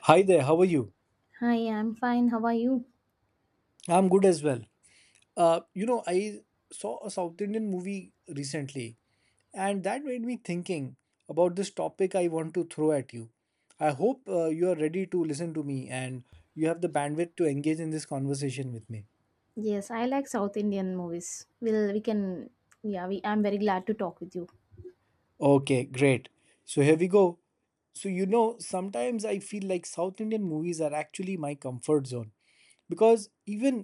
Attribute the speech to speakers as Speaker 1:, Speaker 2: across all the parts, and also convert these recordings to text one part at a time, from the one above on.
Speaker 1: Hi there, how are you?
Speaker 2: Hi, I'm fine. How are you?
Speaker 1: I'm good as well. I saw a South Indian movie recently, and that made me thinking about this topic I want to throw at you. I hope you are ready to listen to me and you have the bandwidth to engage in this conversation with me.
Speaker 2: Yes, I like South Indian movies. Well, we can, yeah, I'm very glad to talk with you.
Speaker 1: Okay, great. So here we go. So, you know, sometimes I feel like South Indian movies are actually my comfort zone because even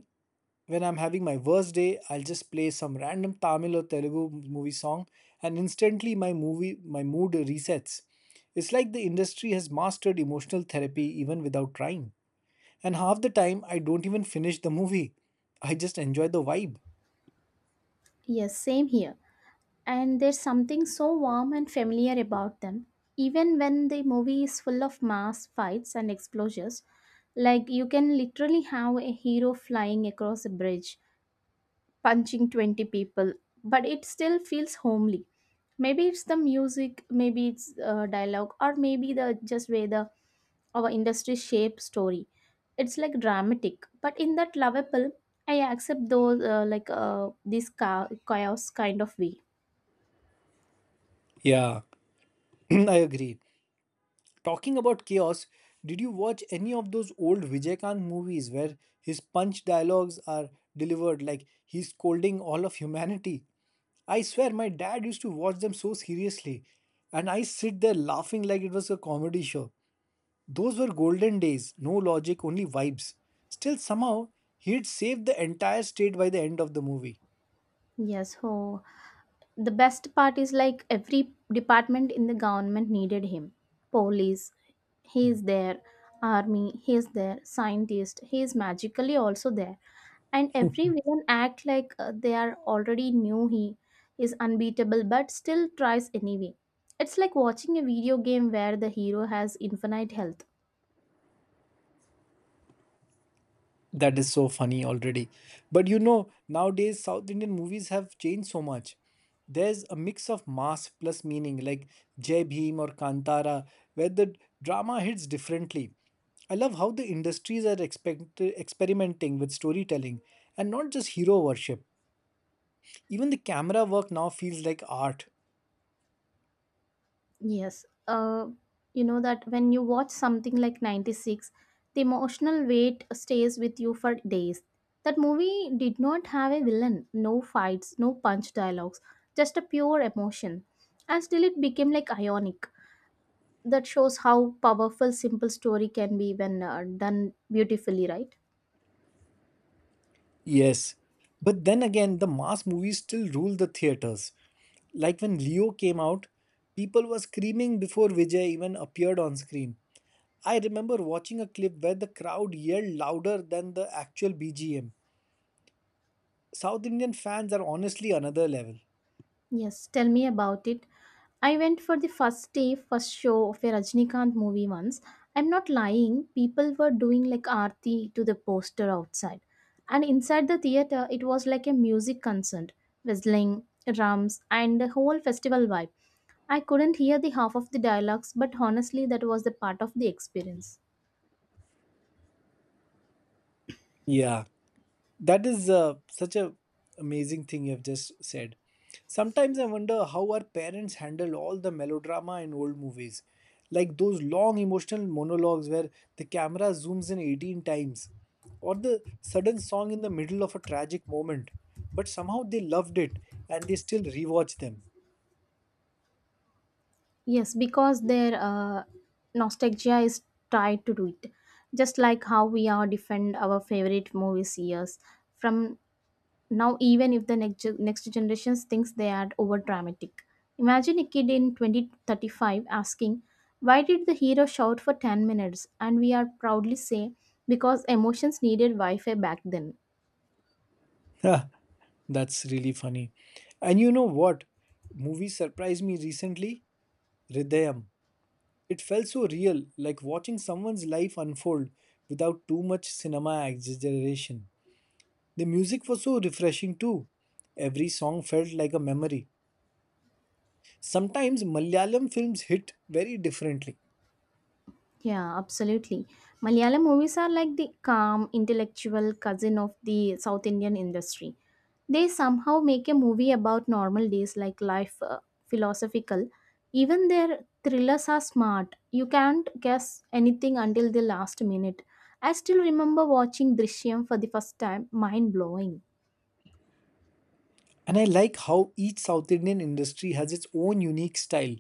Speaker 1: when I'm having my worst day, I'll just play some random Tamil or Telugu movie song and instantly my mood resets. It's like the industry has mastered emotional therapy even without trying. And half the time I don't even finish the movie. I just enjoy the vibe.
Speaker 2: Yes, same here. And there's something so warm and familiar about them. Even when the movie is full of mass fights and explosions, like you can literally have a hero flying across a bridge, punching 20 people, but it still feels homely. Maybe it's the music, maybe it's dialogue, or maybe the just way the our industry shape story. It's like dramatic, but in that lovable, I accept those chaos kind of way.
Speaker 1: Yeah, I agree. Talking about chaos, did you watch any of those old Vijaykant movies where his punch dialogues are delivered like he's scolding all of humanity? I swear my dad used to watch them so seriously, and I sit there laughing like it was a comedy show. Those were golden days, no logic, only vibes. Still, somehow, he'd saved the entire state by the end of the movie.
Speaker 2: Yes, so the best part is like every department in the government needed him. Police, he is there. Army, he is there. Scientist, he is magically also there. And every villain act like they are already knew he is unbeatable but still tries anyway. It's like watching a video game where the hero has infinite health.
Speaker 1: That is so funny already. But you know, nowadays South Indian movies have changed so much. There's a mix of mass plus meaning, like Jai Bhim or Kantara, where the drama hits differently. I love how the industries are experimenting with storytelling and not just hero worship. Even the camera work now feels like art.
Speaker 2: Yes, you know that when you watch something like 96, the emotional weight stays with you for days. That movie did not have a villain, no fights, no punch dialogues, just a pure emotion, and still it became like ionic. That shows how powerful simple story can be when done beautifully, right?
Speaker 1: Yes. But then again, the mass movies still rule the theaters. Like when Leo came out, people were screaming before Vijay even appeared on screen. I remember watching a clip where the crowd yelled louder than the actual BGM. South Indian fans are honestly another level.
Speaker 2: Yes, tell me about it. I went for the first day first show of a Rajnikant movie once. I'm not lying, people were doing like aarti to the poster outside, and inside the theater it was like a music concert, whistling, drums, and the whole festival vibe. I couldn't hear the half of the dialogues, but honestly that was the part of the experience.
Speaker 1: Yeah. That is such a amazing thing you have just said. Sometimes I wonder how our parents handle all the melodrama in old movies, like those long emotional monologues where the camera zooms in 18 times, or the sudden song in the middle of a tragic moment. But somehow they loved it and they still rewatch them.
Speaker 2: Yes, because their nostalgia is tied to do it. Just like how we are defend our favorite movies years from now, even if the next generations thinks they are over dramatic. Imagine a kid in 2035 asking, "Why did the hero shout for 10 minutes?" and we are proudly say, "Because emotions needed Wi-Fi back then."
Speaker 1: Ha, that's really funny. And you know what? Movie surprised me recently. Hridayam. It felt so real, like watching someone's life unfold without too much cinema exaggeration. The music was so refreshing too. Every song felt like a memory. Sometimes Malayalam films hit very differently.
Speaker 2: Yeah, absolutely. Malayalam movies are like the calm, intellectual cousin of the South Indian industry. They somehow make a movie about normal days like life philosophical. Even their thrillers are smart. You can't guess anything until the last minute. I still remember watching Drishyam for the first time, mind blowing.
Speaker 1: And I like how each South Indian industry has its own unique style.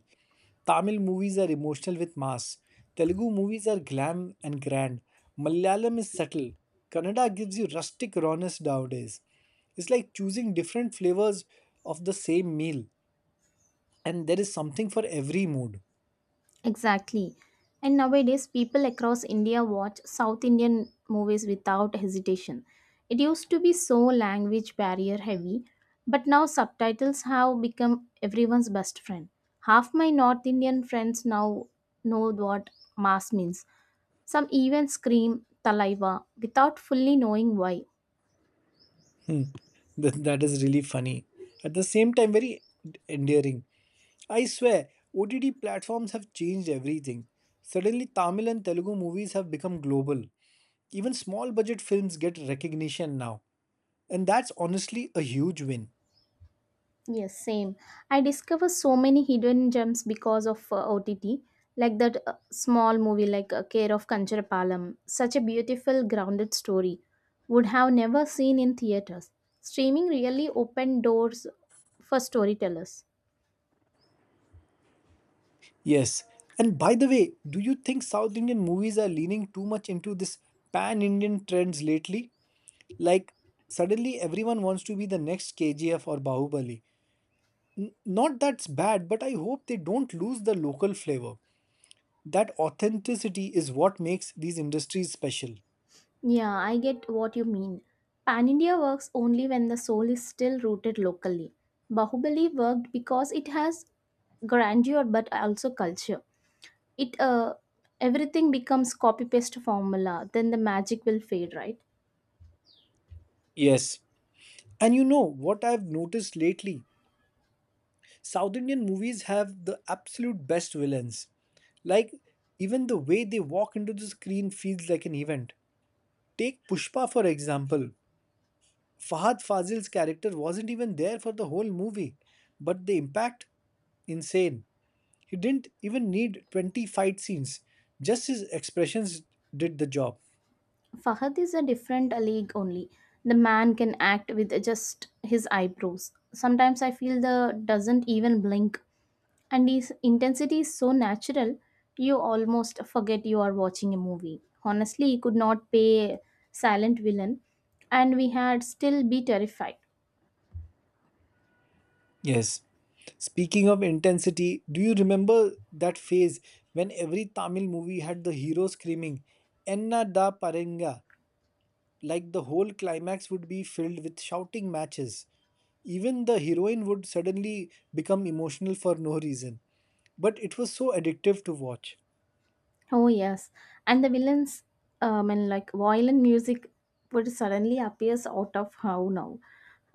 Speaker 1: Tamil movies are emotional with mass. Telugu movies are glam and grand. Malayalam is subtle. Kannada gives you rustic rawness nowadays. It's like choosing different flavors of the same meal, and there is something for every mood.
Speaker 2: Exactly. And nowadays, people across India watch South Indian movies without hesitation. It used to be so language barrier heavy, but now subtitles have become everyone's best friend. Half my North Indian friends now know what mass means. Some even scream Talaiva without fully knowing why.
Speaker 1: Hmm. That is really funny. At the same time, very endearing. I swear, OTT platforms have changed everything. Suddenly, Tamil and Telugu movies have become global. Even small budget films get recognition now. And that's honestly a huge win.
Speaker 2: Yes, same. I discover so many hidden gems because of OTT, like that small movie like Care of Kancharapalam. Such a beautiful, grounded story. Would have never seen in theaters. Streaming really opened doors for storytellers.
Speaker 1: Yes. And by the way, do you think South Indian movies are leaning too much into this pan Indian trends lately? Like, suddenly everyone wants to be the next KGF or Bahubali. Not that's bad, but I hope they don't lose the local flavor. That authenticity is what makes these industries special.
Speaker 2: Yeah, I get what you mean. Pan India works only when the soul is still rooted locally. Bahubali worked because it has grandeur but also culture. It Everything becomes copy paste formula. Then the magic will fade, right?
Speaker 1: Yes, and you know what I've noticed lately? South Indian movies have the absolute best villains. Like, even the way they walk into the screen feels like an event. Take Pushpa for example. Fahad Fazil's character wasn't even there for the whole movie, but the impact? Insane. He didn't even need 20 fight scenes, just his expressions did the job.
Speaker 2: Fahad is a different league only. The man can act with just his eyebrows. Sometimes I feel the doesn't even blink, and his intensity is so natural, you almost forget you are watching a movie. Honestly, he could not pay silent villain, and we had still be terrified.
Speaker 1: Yes. Speaking of intensity, do you remember that phase when every Tamil movie had the hero screaming, Enna da Paranga? Like the whole climax would be filled with shouting matches. Even the heroine would suddenly become emotional for no reason. But it was so addictive to watch.
Speaker 2: Oh yes, and the villains, and like violin music would suddenly appears out of how now,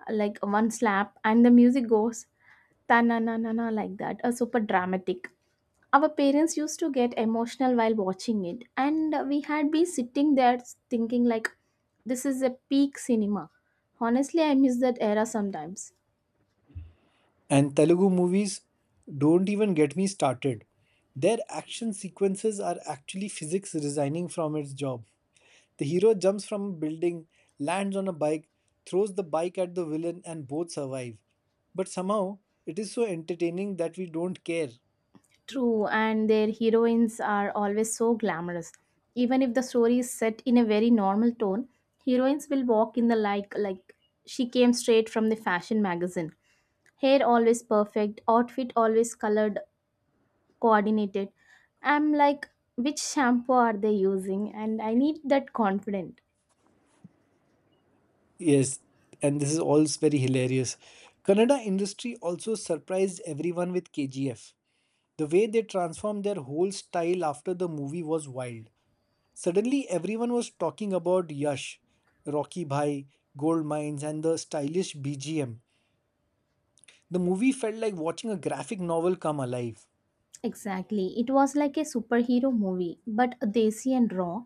Speaker 2: like one slap, and the music goes ta na na na na like that, a super dramatic. Our parents used to get emotional while watching it, and we had been sitting there thinking like, this is a peak cinema. Honestly, I miss that era sometimes.
Speaker 1: And Telugu movies, don't even get me started. Their action sequences are actually physics resigning from its job. The hero jumps from a building, lands on a bike, throws the bike at the villain, and both survive. But somehow, it is so entertaining that we don't care.
Speaker 2: True, and their heroines are always so glamorous. Even if the story is set in a very normal tone, heroines will walk in the like she came straight from the fashion magazine. Hair always perfect, outfit always colored, coordinated. I'm like, which shampoo are they using? And I need that confidence.
Speaker 1: Yes, and this is all very hilarious. Kannada industry also surprised everyone with KGF. The way they transformed their whole style after the movie was wild. Suddenly, everyone was talking about Yash, Rocky Bhai, gold mines, and the stylish BGM. The movie felt like watching a graphic novel come alive.
Speaker 2: Exactly. It was like a superhero movie, but desi and raw.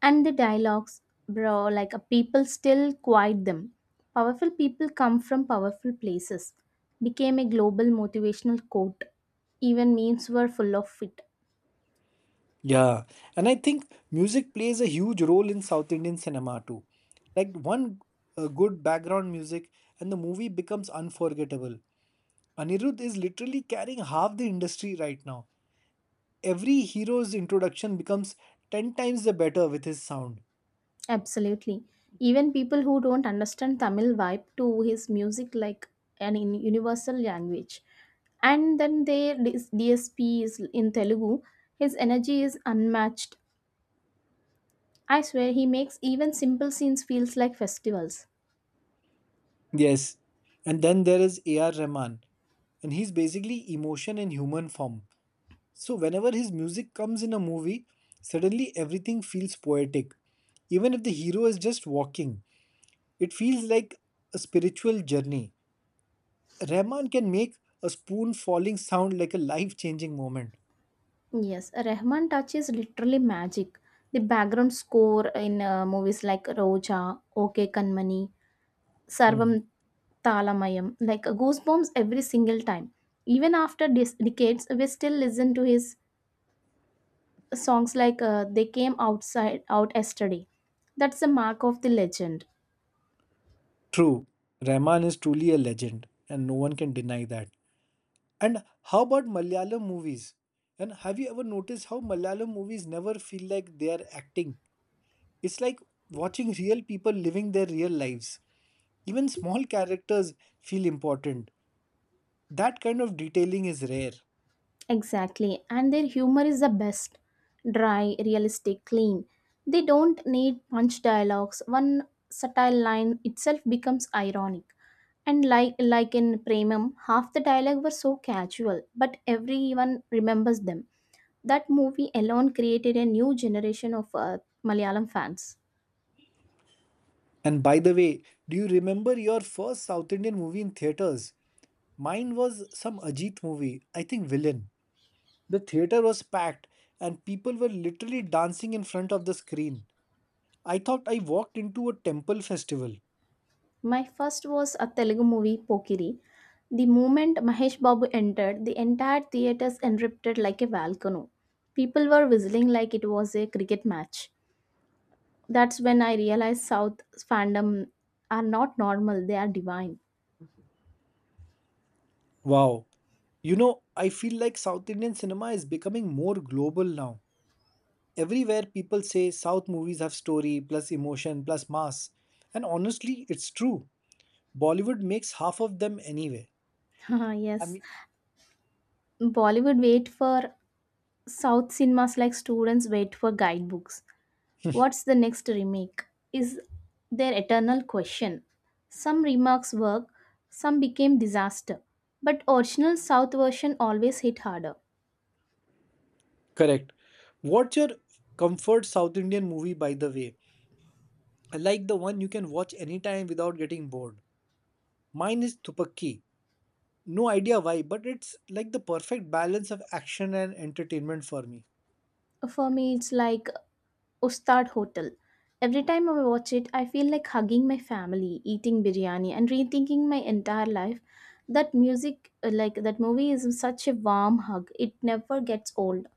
Speaker 2: And the dialogues, bro, like people still quite them. Powerful people come from powerful places. Became a global motivational quote. Even memes were full of it.
Speaker 1: Yeah, and I think music plays a huge role in South Indian cinema too. Like one good background music, and the movie becomes unforgettable. Anirudh is literally carrying half the industry right now. Every hero's introduction becomes 10 times the better with his sound.
Speaker 2: Absolutely. Even people who don't understand Tamil vibe to his music like universal language. And then their DSP is in Telugu. His energy is unmatched. I swear he makes even simple scenes feels like festivals.
Speaker 1: Yes. And then there is A.R. Rahman, and he's basically emotion in human form. So whenever his music comes in a movie, suddenly everything feels poetic. Even if the hero is just walking, it feels like a spiritual journey. Rahman can make a spoon falling sound like a life changing moment.
Speaker 2: Yes, Rahman touch is literally magic. The background score in movies like Roja, OK Kanmani,
Speaker 1: Hmm.
Speaker 2: Sarvam Talamayam, like goosebumps every single time. Even after decades, we still listen to his songs like "They Came Outside Out Yesterday." That's the mark of the legend.
Speaker 1: True, Rahman is truly a legend, and no one can deny that. And how about Malayalam movies? And have you ever noticed how Malayalam movies never feel like they are acting? It's like watching real people living their real lives. Even small characters feel important. That kind of detailing is rare.
Speaker 2: Exactly, and their humor is the best. Dry, realistic, clean. They don't need punch dialogues. One satire line itself becomes ironic. And like in Premam, half the dialogue were so casual, but everyone remembers them. That movie alone created a new generation of Malayalam fans.
Speaker 1: And by the way, do you remember your first South Indian movie in theaters? Mine was some Ajit movie, I think Villain. The theater was packed and people were literally dancing in front of the screen. I thought I walked into a temple festival.
Speaker 2: My first was a Telugu movie, Pokiri. The moment Mahesh Babu entered, the entire theatres erupted like a volcano. People were whistling like it was a cricket match. That's when I realized South fandom are not normal, they are divine.
Speaker 1: Wow. You know, I feel like South Indian cinema is becoming more global now. Everywhere people say South movies have story plus emotion plus mass. And honestly, it's true. Bollywood makes half of them anyway. I
Speaker 2: Yes,
Speaker 1: mean,
Speaker 2: Bollywood wait for South cinemas like students wait for guidebooks. What's the next remake? Is their eternal question. Some remakes work, some became disaster, but original South version always hit harder.
Speaker 1: correct. What's your comfort South Indian movie, by the way? I like the one you can watch anytime without getting bored. Mine is Tupakki. No idea why, but it's like the perfect balance of action and entertainment for me.
Speaker 2: For me, it's like Ustad Hotel. Every time I watch it, I feel like hugging my family, eating biryani, and rethinking my entire life. That music, like that movie, is such a warm hug. It never gets old.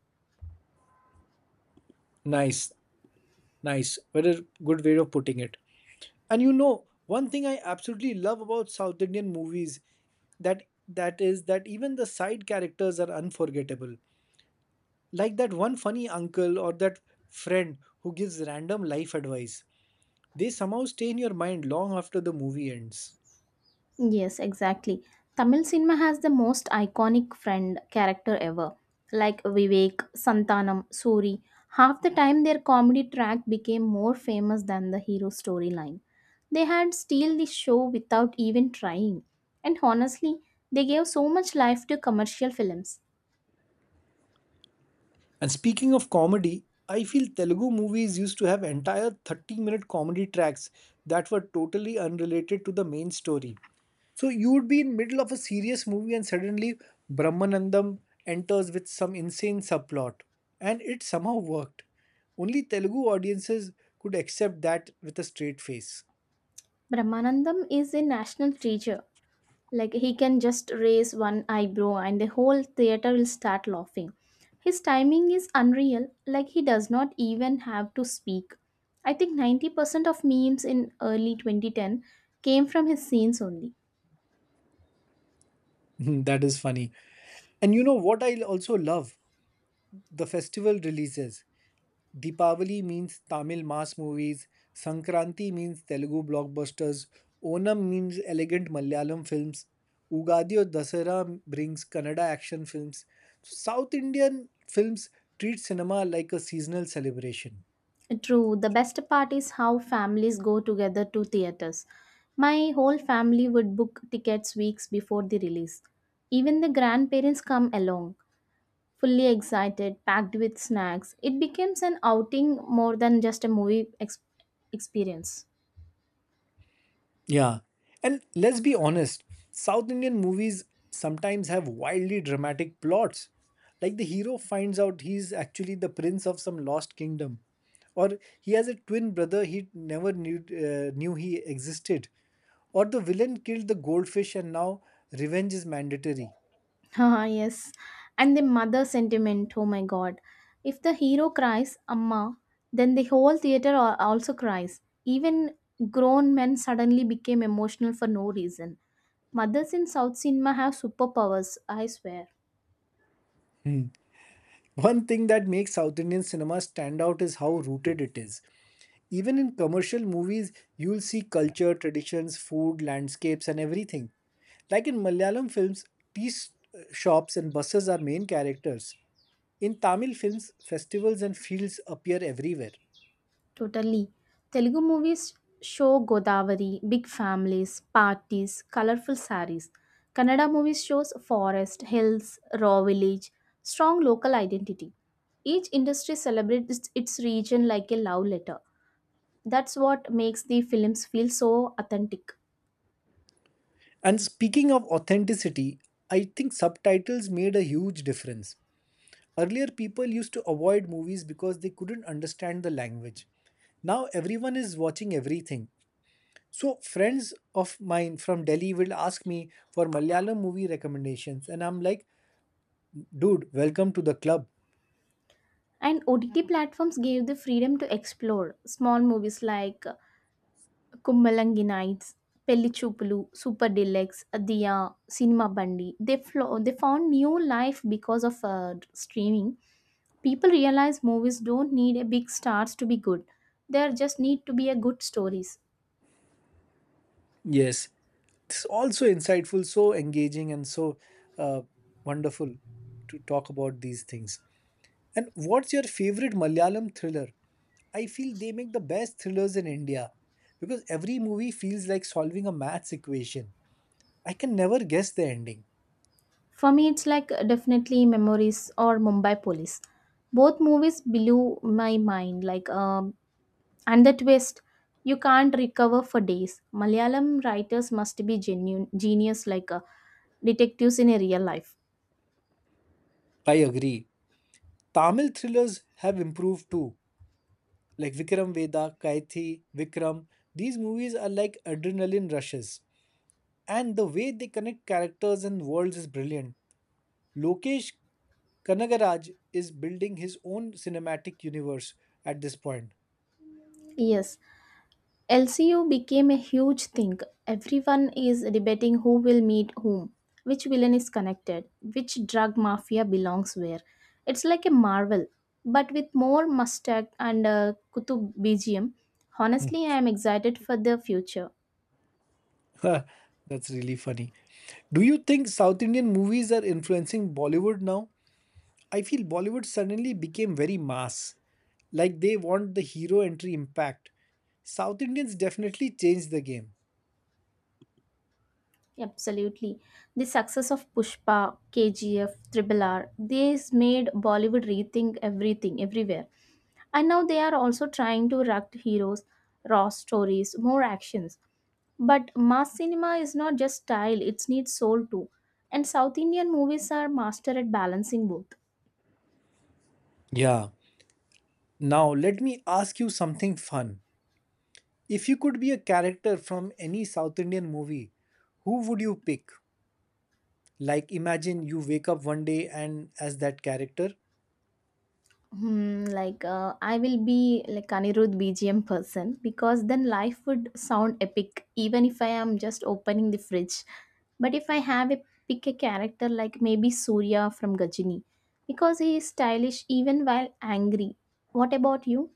Speaker 1: Nice, nice. What a good way of putting it. And you know, one thing I absolutely love about South Indian movies that that even the side characters are unforgettable. Like that one funny uncle or that friend who gives random life advice. They somehow stay in your mind long after the movie ends.
Speaker 2: Yes, exactly. Tamil cinema has the most iconic friend character ever, like Vivek, Santanam, Suri. Half the time, their comedy track became more famous than the hero storyline. They had steal the show without even trying. And honestly, they gave so much life to commercial films.
Speaker 1: And speaking of comedy, I feel Telugu movies used to have entire 30-minute comedy tracks that were totally unrelated to the main story. So you would be in middle of a serious movie and suddenly Brahmanandam enters with some insane subplot. And it somehow worked. Only Telugu audiences could accept that with a straight face.
Speaker 2: Brahmanandam is a national treasure. Like he can just raise one eyebrow and the whole theater will start laughing. His timing is unreal, like he does not even have to speak. I think 90% of memes in early 2010 came from his scenes only.
Speaker 1: That is funny. And you know what I also love? The festival releases. Deepavali means Tamil mass movies, Sankranti means Telugu blockbusters, Onam means elegant Malayalam films, Ugadi or Dasara brings Kannada action films. So, South Indian films treat cinema like a seasonal celebration.
Speaker 2: True, the best part is how families go together to theaters. My whole family would book tickets weeks before the release. Even the grandparents come along, fully excited, packed with snacks. It becomes an outing more than just a movie experience.
Speaker 1: Yeah. And let's be honest, South Indian movies sometimes have wildly dramatic plots. Like the hero finds out he's actually the prince of some lost kingdom, or he has a twin brother he never knew, knew he existed, or the villain killed the goldfish and now revenge is mandatory.
Speaker 2: Ah, yes. And the mother sentiment, oh my god. If the hero cries, Amma, then the whole theater al- also cries. Even grown men suddenly became emotional for no reason. Mothers in South cinema have superpowers, I swear.
Speaker 1: Hmm. One thing that makes South Indian cinema stand out is how rooted it is. Even in commercial movies, you'll see culture, traditions, food, landscapes, and everything. Like in Malayalam films, tea s- shops and buses are main characters. In Tamil films, festivals and fields appear everywhere.
Speaker 2: Totally. Telugu movies show Godavari, big families, parties, colorful sarees. Kannada movies shows forest, hills, raw village, strong local identity. Each industry celebrates its region like a love letter. That's what makes the films feel so authentic.
Speaker 1: And speaking of authenticity, I think subtitles made a huge difference. Earlier, people used to avoid movies because they couldn't understand the language. Now, everyone is watching everything, so friends of mine from Delhi will ask me for Malayalam movie recommendations, and I'm like, dude, welcome to the club.
Speaker 2: And OTT platforms gave the freedom to explore small movies like కుమ్మలంగి Nights, పెళ్లి చూపులు, Super Deluxe, Adiya, Cinema Bandi. They found new life because of streaming. People realize movies don't need a big stars to be good. There just need to be a good stories.
Speaker 1: Yes, it's also insightful, so engaging, and so uh, wonderful to talk about these things. And what's your favorite Malayalam thriller? I feel they make the best thrillers in India because every movie feels like solving a maths equation. I can never guess the ending.
Speaker 2: For me, it's like definitely Memories or Mumbai Police. Both movies blew my mind. Like and the twist, you can't recover for days. Malayalam writers must be genuine genius, like detectives in a real life.
Speaker 1: I agree. Tamil thrillers have improved too, like Vikram Vedha, Kaithi, Vikram. These movies are like adrenaline rushes. And the way they connect characters and worlds is brilliant. Lokesh Kanagaraj is building his own cinematic universe at this point.
Speaker 2: Yes, LCU became a huge thing. Everyone is debating who will meet whom, which villain is connected, which drug mafia belongs where. It's like a Marvel, but with more mustard and Kutub BGM. Honestly, I am excited for the future.
Speaker 1: That's really funny. Do you think South Indian movies are influencing Bollywood now? I feel Bollywood suddenly became very mass. Like they want the hero entry impact. South Indians definitely changed the game.
Speaker 2: Absolutely. The success of Pushpa, KGF, Triple R, this made Bollywood rethink everything, everywhere. And now they are also trying to erect heroes, raw stories, more actions. But mass cinema is not just style, it needs soul too. And South Indian movies are master at balancing both.
Speaker 1: Yeah, now, let me ask you something fun. If you could be a character from any South Indian movie, who would you pick? Like, imagine you wake up one day and as that character,
Speaker 2: Hmm, like I will be like Anirudh BGM person because then life would sound epic even if I am just opening the fridge. But if I have a pick a character like maybe Surya from Gajini, because he is stylish even while angry. What about you?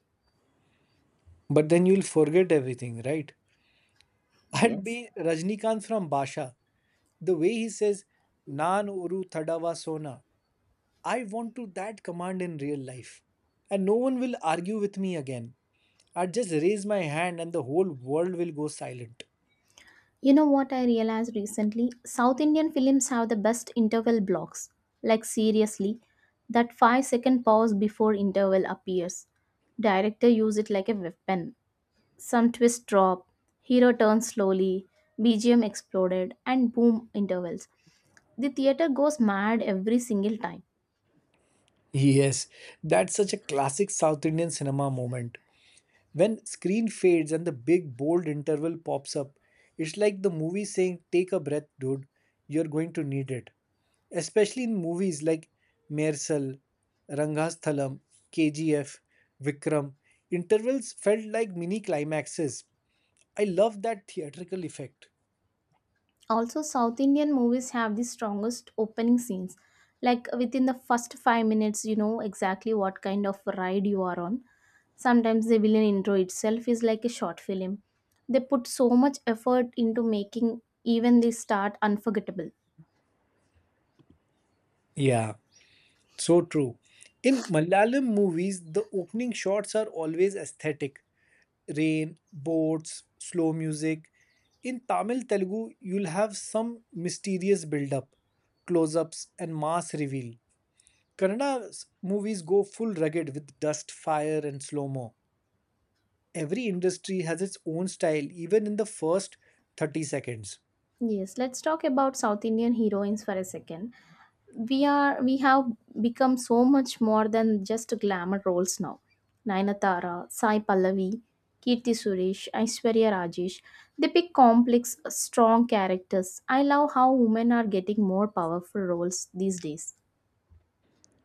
Speaker 1: but then you'll forget everything, right? I'd
Speaker 2: Yes.
Speaker 1: be Rajnikant from Basha. The way he says, Nan Oru thadava Sona, I want to that command in real life. And no one will argue with me again. I'd just raise my hand and the whole world will go silent.
Speaker 2: You know what I realized recently? South Indian films have the best interval blocks. Like, seriously, that 5-second pause before interval appears. Director use it like a weapon. Some twist drop, hero turns slowly, BGM exploded, and boom intervals. The theater goes mad every single time.
Speaker 1: Yes, that's such a classic South Indian cinema moment. When screen fades and the big bold interval pops up, it's like the movie saying, Take a breath, dude, you're going to need it. Especially in movies like Mersal, Rangasthalam, KGF, Vikram, intervals felt like mini climaxes. I love that theatrical effect.
Speaker 2: Also, South Indian movies have the strongest opening scenes. Like within the first 5 minutes, you know exactly what kind of ride you are on. Sometimes the villain intro itself is like a short film. They put so much effort into making even the start unforgettable.
Speaker 1: Yeah, so true. In Malayalam movies, the opening shots are always aesthetic rain, boats, slow music. In Tamil Telugu, you'll have some mysterious build-up, close-ups, and mass reveal. Kannada movies go full rugged with dust, fire, and slow-mo. Every industry has its own style, even in the first 30 seconds.
Speaker 2: Yes, let's talk about South Indian heroines for a second. We have become so much more than just glamour roles now. Nayanthara, Sai Pallavi, Kirti Suresh, Aishwarya Rajesh, they pick complex, strong characters. I love how women are getting more powerful roles these days.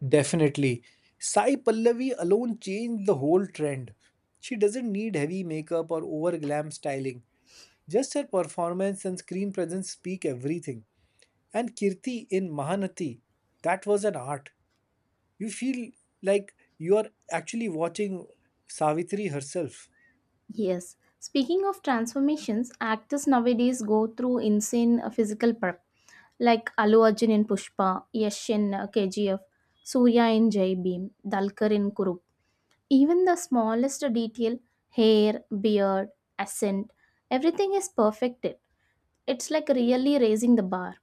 Speaker 1: Definitely. Sai Pallavi alone changed the whole trend. She doesn't need heavy makeup or over glam styling. Just her performance and screen presence speak everything. And Kirti in Mahanati, that was an art. You feel like you are actually watching Savitri herself.
Speaker 2: Yes. Speaking of transformations, actors nowadays go through insane physical prep, like Alu Arjun in Pushpa, Yash in KGF, Surya in Jai Bhim, Dalkar in Kurup. Even the smallest detail, hair, beard, accent, everything is perfected. It's like really raising the bar.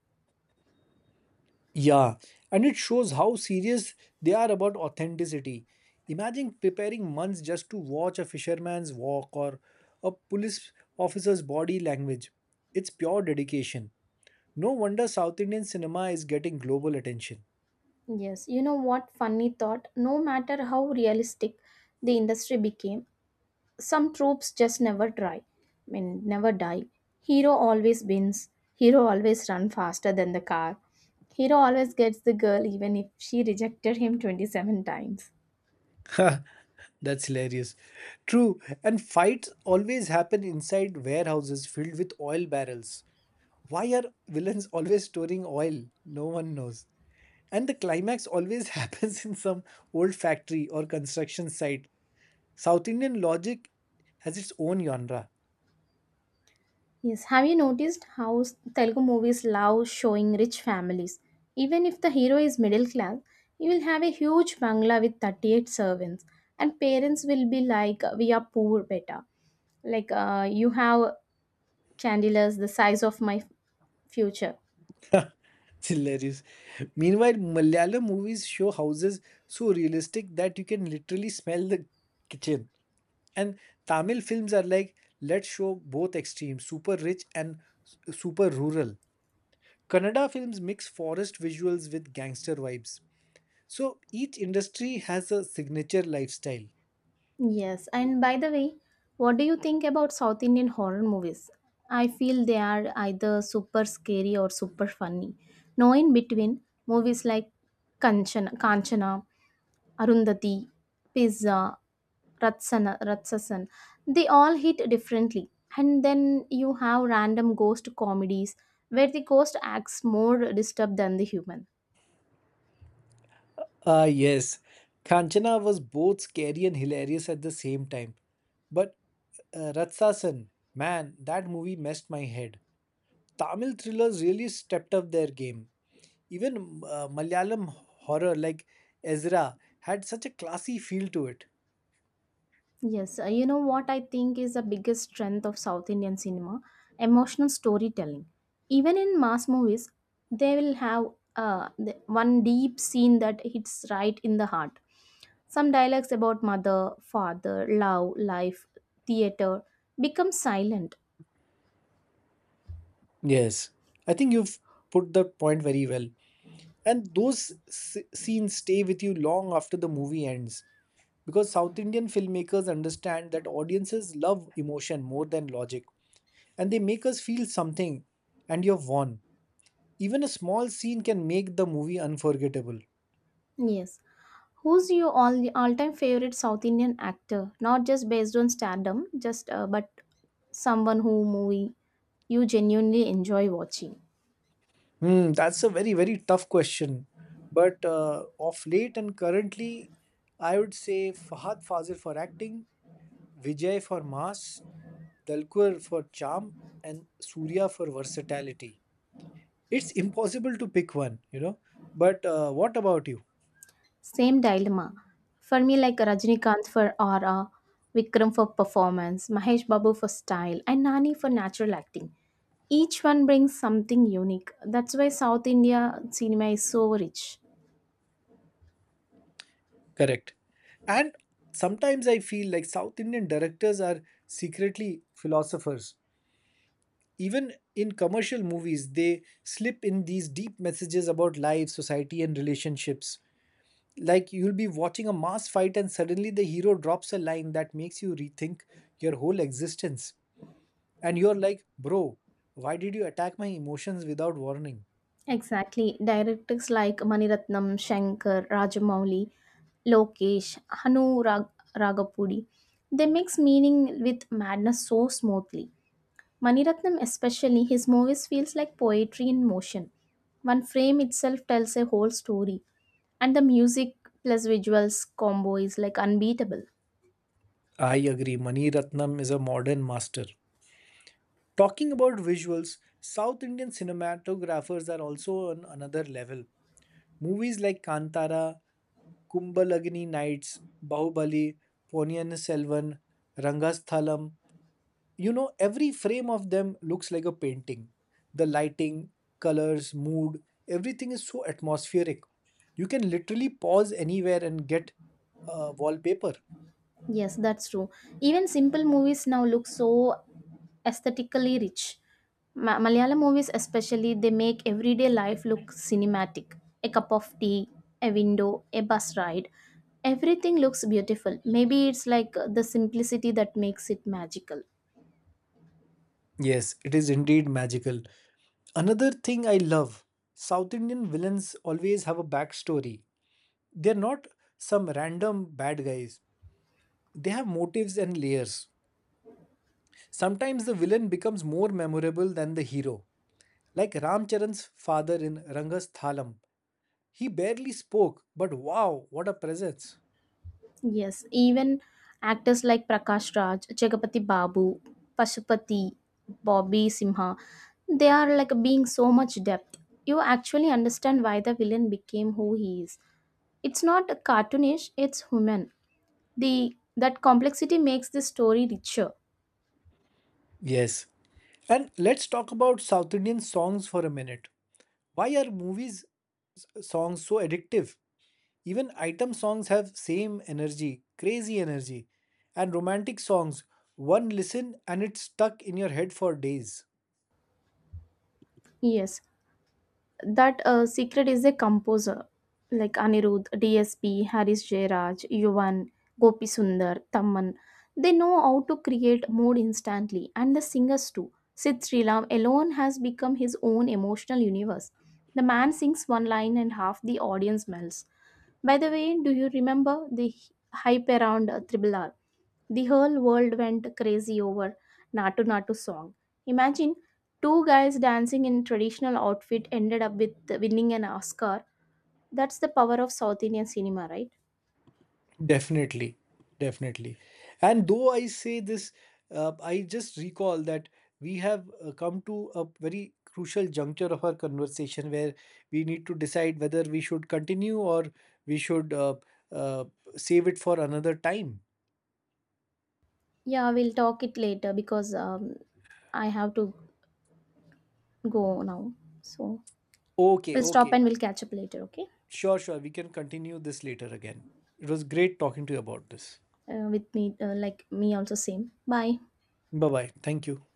Speaker 1: Yeah, and it shows how serious they are about authenticity. Imagine preparing months just to watch a fisherman's walk or a police officer's body language. It's pure dedication. No wonder South Indian cinema is getting global attention.
Speaker 2: Yes, you know what funny thought? No matter how realistic the industry became, some tropes just never never die. Hero always wins. Hero always run faster than the car. Hero always gets the girl even if she rejected him 27 times.
Speaker 1: That's hilarious. True, and fights always happen inside warehouses filled with oil barrels. Why are villains always storing oil? No one knows. And the climax always happens in some old factory or construction site. South Indian logic has its own genre.
Speaker 2: Yes, have you noticed how Telugu movies love showing rich families? Even if the hero is middle class, you will have a huge bangla with 38 servants, and parents will be like, "We are poor, beta." Like, you have chandeliers the size of my future.
Speaker 1: It's hilarious. Meanwhile, Malayalam movies show houses so realistic that you can literally smell the kitchen. And Tamil films are like, let's show both extremes, super rich and super rural. Kannada films mix forest visuals with gangster vibes. So each industry has a signature lifestyle.
Speaker 2: Yes, and by the way, what do you think about South Indian horror movies? I feel they are either super scary or super funny. No in between, movies like Kanchana Arundhati, Pizza, Ratsasan, they all hit differently. And then you have random ghost comedies where the ghost acts more disturbed than the human.
Speaker 1: Ah, yes. Kanchana was both scary and hilarious at the same time. But Ratsasan, man, that movie messed my head. Tamil thrillers really stepped up their game. Even Malayalam horror like Ezra had such a classy feel to it.
Speaker 2: Yes, you know what I think is the biggest strength of South Indian cinema? Emotional storytelling. Even in mass movies, they will have the one deep scene that hits right in the heart. Some dialogues about mother, father, love, life, theater become silent.
Speaker 1: Yes, I think you've put the point very well. And those scenes stay with you long after the movie ends because South Indian filmmakers understand that audiences love emotion more than logic and they make us feel something and you've won. Even a small scene can make the movie unforgettable.
Speaker 2: Yes. Who's your all-time favorite South Indian actor? Not just based on stardom, just but someone who movie you genuinely enjoy watching.
Speaker 1: Hmm, that's a very, very tough question. But of late and currently, I would say Fahad Fazil for acting, Vijay for mass, Dalkur for charm and Surya for versatility. It's impossible to pick one, you know. But what about you?
Speaker 2: Same dilemma. For me, like Rajinikanth for aura, Vikram for performance, Mahesh Babu for style, and Nani for natural acting. Each one brings something unique. That's why South India cinema is so rich.
Speaker 1: Correct. And sometimes I feel like South Indian directors are secretly philosophers. Even in commercial movies, they slip in these deep messages about life, society, and relationships. Like you'll be watching a mass fight, and suddenly the hero drops a line that makes you rethink your whole existence. And you're like, bro, why did you attack my emotions without warning?
Speaker 2: Exactly. Directors like Maniratnam, Shankar, Rajamouli, Lokesh, Ragapudi. They mix meaning with madness so smoothly. Maniratnam especially his movies feels like poetry in motion. One frame itself tells a whole story and the music plus visuals combo is like unbeatable.
Speaker 1: I agree, Mani Ratnam is a modern master. Talking about visuals, South Indian cinematographers are also on another level. Movies like Kantara, Kumbalagni Nights, Bahubali, Ponniyin Selvan, Rangasthalam, you know, every frame of them looks like a painting. The lighting, colors, mood, everything is so atmospheric. You can literally pause anywhere and get wallpaper.
Speaker 2: Yes, that's true. Even simple movies now look so aesthetically rich. Malayalam movies, especially, they make everyday life look cinematic. A cup of tea, a window, a bus ride. Everything looks beautiful. Maybe it's like the simplicity that makes it magical.
Speaker 1: Yes, it is indeed magical. Another thing I love, South Indian villains always have a backstory. They're not some random bad guys, they have motives and layers. Sometimes the villain becomes more memorable than the hero. Like Ramcharan's father in Rangasthalam. He barely spoke, but wow, what a presence.
Speaker 2: Yes, even actors like Prakash Raj, Chagapati Babu, Pashupati, Bobby Simha, they are like being so much depth. You actually understand why the villain became who he is. It's not cartoonish, it's human. The that complexity makes the story richer.
Speaker 1: Yes. And let's talk about South Indian songs for a minute. Why are movies songs so addictive? Even item songs have same energy, crazy energy. And romantic songs, one listen and it's stuck in your head for days.
Speaker 2: Yes, that secret is a composer like Anirudh, DSP, Haris Jayraj, Yuvan, Gopi Sundar, Tamman. They know how to create mood instantly, and the singers too. Sid Sriram alone has become his own emotional universe. The man sings one line and half the audience melts. By the way, do you remember the hype around Triple R? The whole world went crazy over Natu Natu song. Imagine two guys dancing in traditional outfit ended up with winning an Oscar. That's the power of South Indian cinema, right?
Speaker 1: Definitely, definitely. And though I say this, I just recall that we have come to a very crucial juncture of our conversation where we need to decide whether we should continue or we should uh, save it for another time.
Speaker 2: Yeah, we'll talk it later because I have to go now. So
Speaker 1: Okay,
Speaker 2: we'll stop
Speaker 1: okay.
Speaker 2: and we'll catch up later, okay?
Speaker 1: Sure, sure. We can continue this later again. It was great talking to you about this.
Speaker 2: With me, like me also same. Bye.
Speaker 1: Bye bye. Thank you.